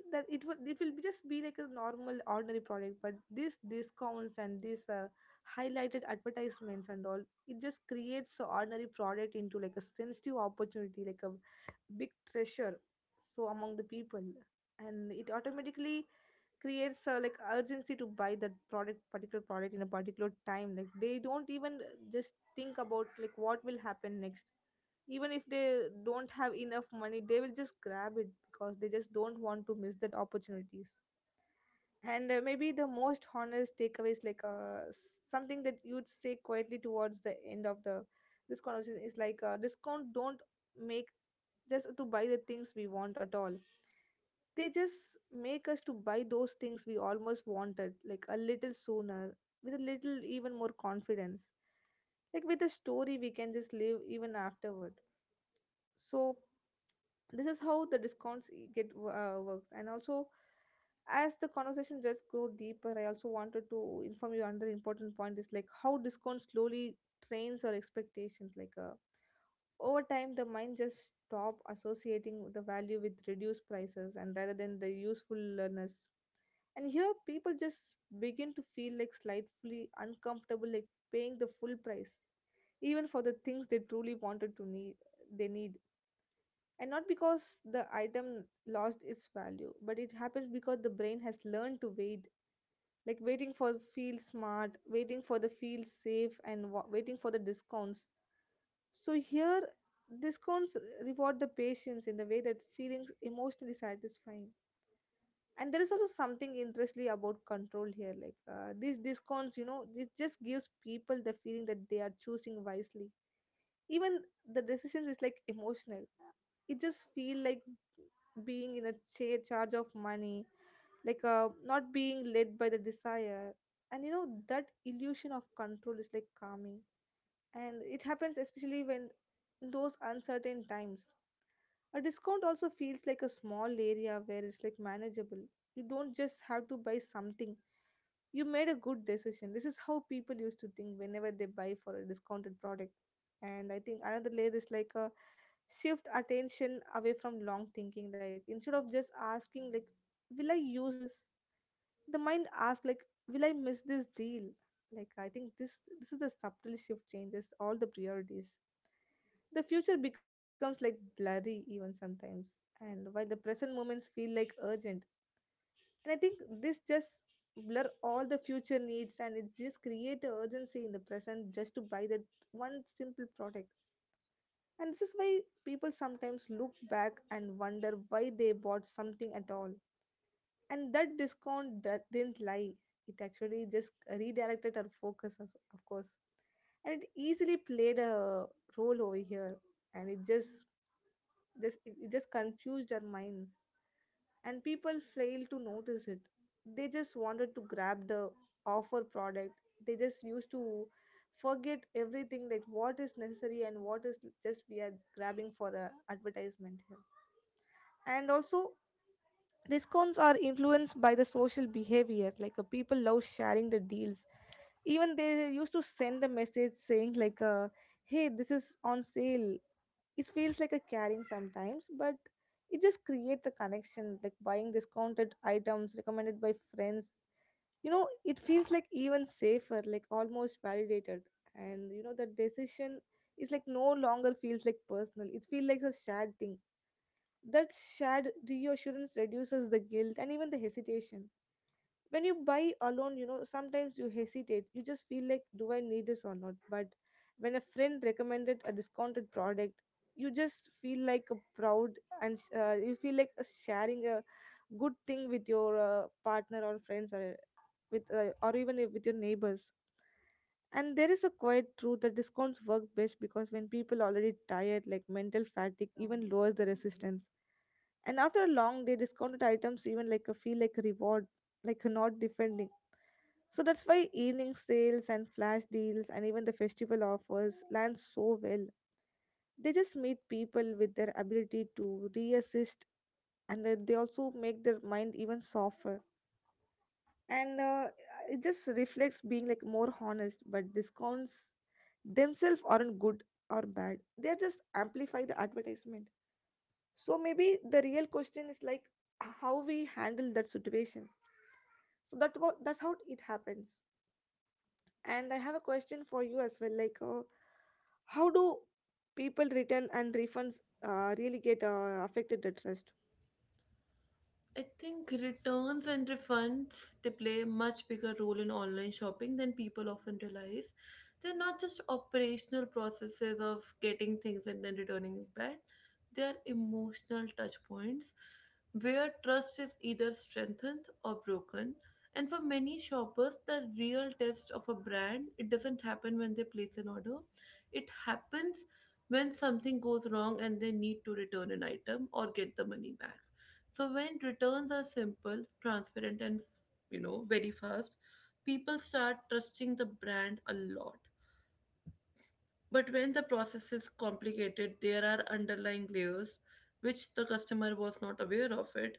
Speaker 2: that it will be just be like a normal ordinary product, but these discounts and these highlighted advertisements and all, it just creates a ordinary product into like a sensitive opportunity, like a big treasure. So among the people, and it automatically creates like urgency to buy that product, particular product in a particular time, like they don't even just think about like what will happen next. Even if they don't have enough money they will just grab it because they just don't want to miss that opportunities. And maybe the most honest takeaway is like something that you'd say quietly towards the end of the this conversation, is like discount don't make just to buy the things we want at all, they just make us to buy those things we almost wanted, like a little sooner, with a little even more confidence, like with a story we can just live even afterward. So this is how the discounts works. And also, as the conversation just grow deeper, I also wanted to inform you another important point is like how discount slowly trains our expectations, like over time the mind just stop associating the value with reduced prices and rather than the usefulness. And here people just begin to feel like slightly uncomfortable, like paying the full price, even for the things they truly wanted to need they need. And not because The item lost its value, but it happens because the brain has learned to wait, like waiting for feel smart, waiting for the feel safe, and waiting for the discounts. So here, discounts reward the patience in the way that feelings emotionally satisfying. And there is also something interesting about control here, like these discounts, you know, it just gives people the feeling that they are choosing wisely. Even the decisions is like emotional, it just feel like being in a charge of money, like not being led by the desire. And you know that illusion of control is like calming, and it happens especially when in those uncertain times a discount also feels like a small area where it's like manageable. You don't just have to buy something, you made a good decision. This is how people used to think whenever they buy for a discounted product. And I think another layer is like a shift attention away from long thinking. Like, instead of just asking like, will I use this? The mind asks like, will I miss this deal? Like, I think this is the subtle shift changes all the priorities. The future becomes like blurry even sometimes. And while the present moments feel like urgent, and I think this just blur all the future needs, and it's just create a urgency in the present just to buy that one simple product. And this is why people sometimes look back and wonder why they bought something at all. And that discount that didn't lie. It actually just redirected our focus, of course, and it easily played a role over here, and it just confused our minds, and people fail to notice it. They just wanted to grab the offer product, they just used to forget everything like what is necessary and what is just we are grabbing for a advertisement here. And also, discounts are influenced by the social behavior, like people love sharing the deals. Even they used to send a message saying like, hey, this is on sale. It feels like a caring sometimes, but it just creates a connection like buying discounted items recommended by friends. You know, it feels like even safer, like almost validated. And you know, the decision is like no longer feels like personal, it feels like a shared thing. That shared reassurance reduces the guilt and even the hesitation. When you buy alone, you know, sometimes you hesitate, you just feel like, do I need this or not? But when a friend recommended a discounted product, you just feel like a proud, and you feel like a sharing a good thing with your partner or friends, or with or even if with your neighbors. And there is a quiet truth that discounts work best because when people already tired, like mental fatigue even lowers the resistance. And after a long day, discounted items even like a feel like a reward, like a not defending. So that's why evening sales and flash deals and even the festival offers land so well. They just meet people with their ability to reassist, and then they also make their mind even softer. And it just reflects being like more honest, but discounts themselves aren't good or bad, they just amplify the advertisement. So maybe the real question is like how we handle that situation. So that what, that's how it happens. And I have a question for you as well, like, how do people return and refunds really get affected the trust?
Speaker 1: I think returns and refunds they play a much bigger role in online shopping than people often realize. They're not just operational processes of getting things and then returning it back. They are emotional touch points where trust is either strengthened or broken. And for many shoppers, the real test of a brand it doesn't happen when they place an order. It happens when something goes wrong and they need to return an item or get the money back. So when returns are simple, transparent, and you know very fast, people start trusting the brand a lot. But when the process is complicated, there are underlying layers which the customer was not aware of it.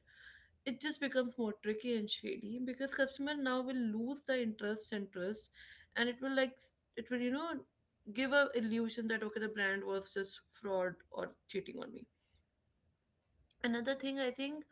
Speaker 1: It just becomes more tricky and shady because customer now will lose the interest and trust, and it will like it will you know give a illusion that okay the brand was just fraud or cheating on me. Another thing I think,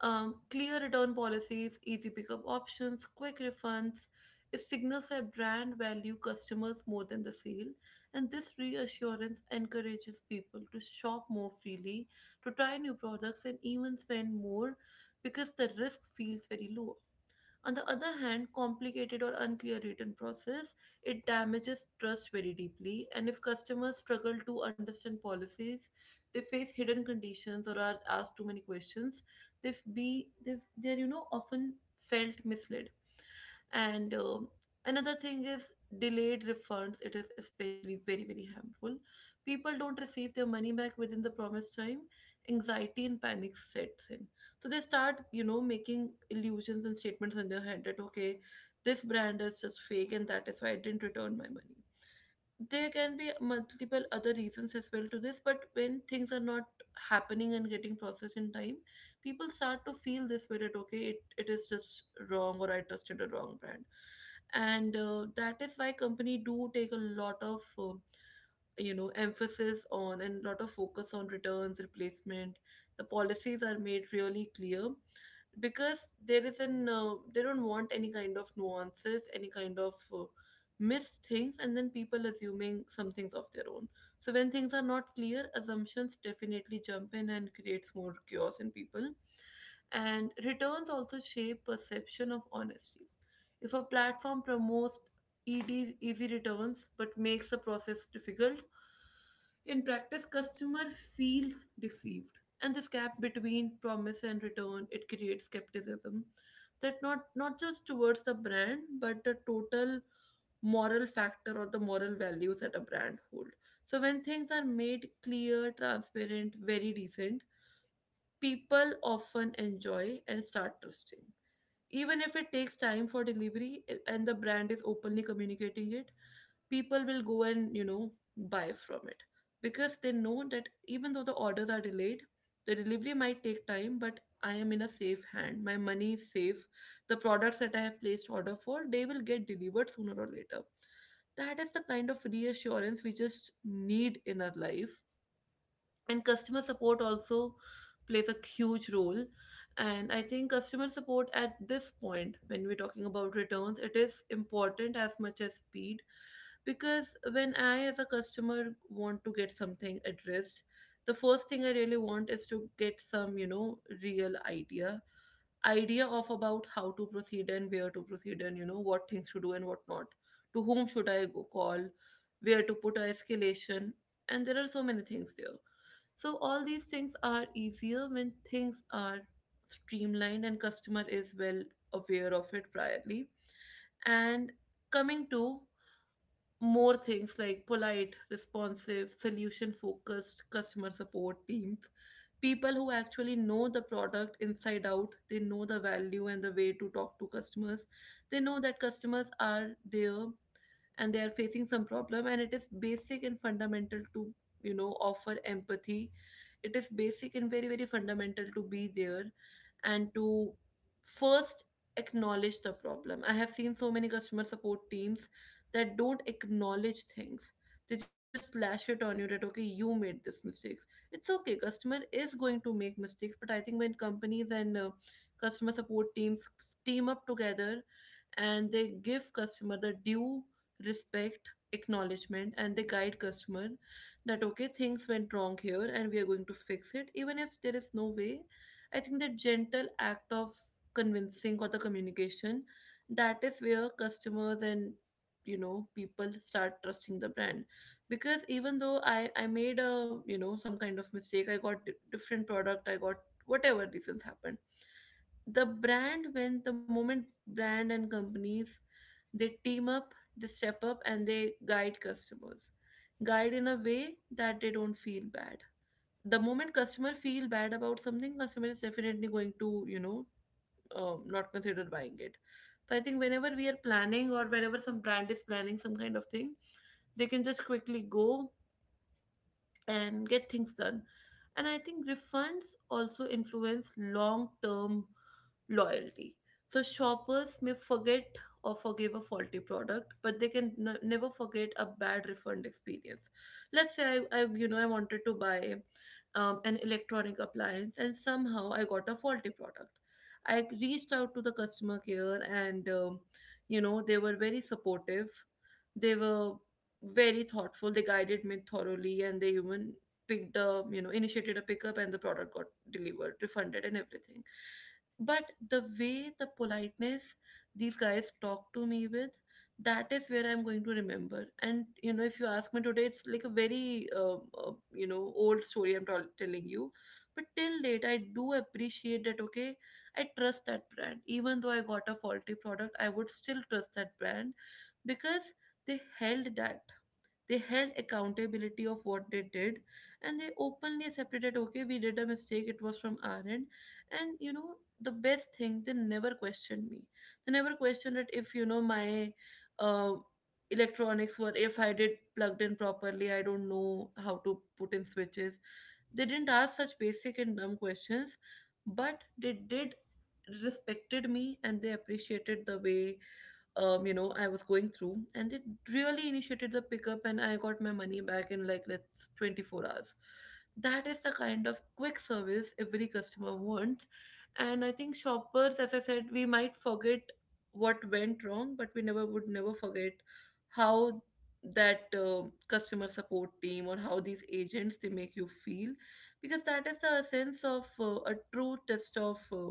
Speaker 1: clear return policies, easy pickup options, quick refunds. It signals that brand value customers more than the sale, and this reassurance encourages people to shop more freely, to try new products, and even spend more because the risk feels very low. On the other hand, complicated or unclear written process, it damages trust very deeply. And if customers struggle to understand policies, they face hidden conditions or are asked too many questions, they're you know often felt misled and another thing is delayed refunds. It is especially very very harmful. People don't receive their money back within the promised time, anxiety and panic sets in, so they start you know making illusions and statements in their head that okay this brand is just fake and that is why I didn't return my money. There can be multiple other reasons as well to this, but when things are not happening and getting processed in time, people start to feel this way that okay it is just wrong or I trusted a wrong brand. And that is why company do take a lot of you know emphasis on and lot of focus on returns replacement. The policies are made really clear because there is an they don't want any kind of nuances, any kind of missed things and then people assuming some things of their own. So when things are not clear, assumptions definitely jump in and creates more chaos in people. And returns also shape perception of honesty. If a platform promotes ed easy returns but makes the process difficult in practice, customer feels deceived, and this gap between promise and return it creates skepticism that not just towards the brand but the total moral factor or the moral values that a brand hold. So when things are made clear, transparent, very decent, people often enjoy and start trusting. Even if it takes time for delivery eh, and the brand is openly communicating it, people will go and you know buy from it because they know that even though the orders are delayed, the delivery might take time, but I am in a safe hand, my money is safe, the products that I have placed order for, they will get delivered sooner or later. That is the kind of reassurance we just need in our life. And customer support also plays a huge role. And I think customer support at this point, when we're talking about returns, it is important as much as speed, because when I as a customer want to get something addressed, the first thing I really want is to get some you know real idea of about how to proceed and where to proceed and you know what things to do and what not, to whom should I go call, where to put a escalation, and there are so many things there. So all these things are easier when things are streamlined and customer is well aware of it priorly. And coming to more things like polite, responsive, solution focused customer support teams, people who actually know the product inside out, they know the value and the way to talk to customers. They know that customers are there and they are facing some problem, and it is basic and fundamental to you know offer empathy. It is basic and very very fundamental to be there and to first acknowledge the problem. I have seen so many customer support teams that don't acknowledge things. They just lash it on you that okay you made this mistakes. It's okay, customer is going to make mistakes, but I think when companies and customer support teams team up together and they give customer the due respect, acknowledgement, and they guide customer that okay, things went wrong here and we are going to fix it, even if there is no way. I think that gentle act of convincing or the communication, that is where customers and you know people start trusting the brand. Because even though I made a you know some kind of mistake, I got different product, I got whatever reasons happened, the brand, when the moment brand and companies, they team up, they step up, and they guide customers, guide in a way that they don't feel bad. The moment customer feel bad about something, customer is definitely going to you know not consider buying it. So I think whenever we are planning or whenever some brand is planning some kind of thing, they can just quickly go and get things done. And I think refunds also influence long term loyalty. So shoppers may forget or forgive a faulty product, but they can never forget a bad refund experience. Let's say I you know I wanted to buy an electronic appliance and somehow I got a faulty product. I reached out to the customer care and you know they were very supportive. They were very thoughtful. They guided me thoroughly, and they even picked a you know initiated a pickup, and the product got delivered, refunded, and everything. But the way the politeness these guys talk to me with, that is where I'm going to remember. And you know, if you ask me today, it's like a very you know old story I'm telling you. But till date, I do appreciate that. Okay, I trust that brand, even though I got a faulty product. I would still trust that brand because they held that they held accountability of what they did, and they openly accepted that okay we did a mistake, it was from our end. And you know, the best thing, they never questioned me, they never questioned it if you know my uh, electronics were, if I did plugged in properly, I don't know how to put in switches. They didn't ask such basic and dumb questions, but they did respected me and they appreciated the way you know I was going through, and they really initiated the pickup and I got my money back in like let's 24 hours. That is the kind of quick service every customer wants. And I think shoppers, as I said, we might forget what went wrong, but we never would never forget how that customer support team or how these agents they make you feel, because that is the sense of a true test of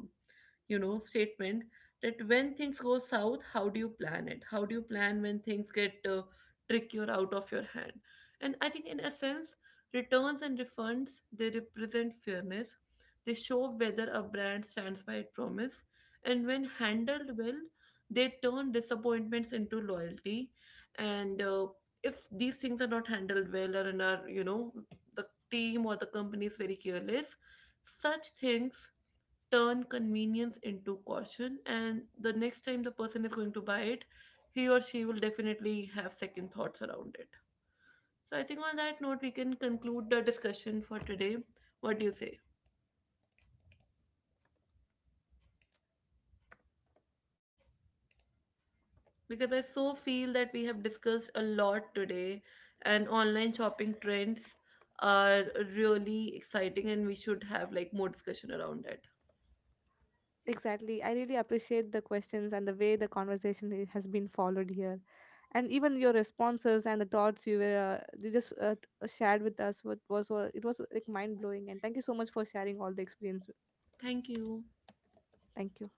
Speaker 1: you know statement, that when things go south, how do you plan it, how do you plan when things get tricky or out of your hand. And I think in a sense, returns and refunds they represent fairness, they show whether a brand stands by its promise, and when handled well, they turn disappointments into loyalty. And if these things are not handled well, or in our you know the team or the company is very careless, such things turn convenience into caution. And the next time the person is going to buy it, he or she will definitely have second thoughts around it. So I think on that note, we can conclude the discussion for today. What do you say? Because I so feel that we have discussed a lot today, and online shopping trends are really exciting, and we should have like more discussion around it.
Speaker 2: Exactly. I really appreciate the questions and the way the conversation has been followed here. And even your responses and the thoughts you were you just shared with us, what was it was like mind blowing. And thank you so much for sharing all the experience.
Speaker 1: Thank you.
Speaker 2: Thank you.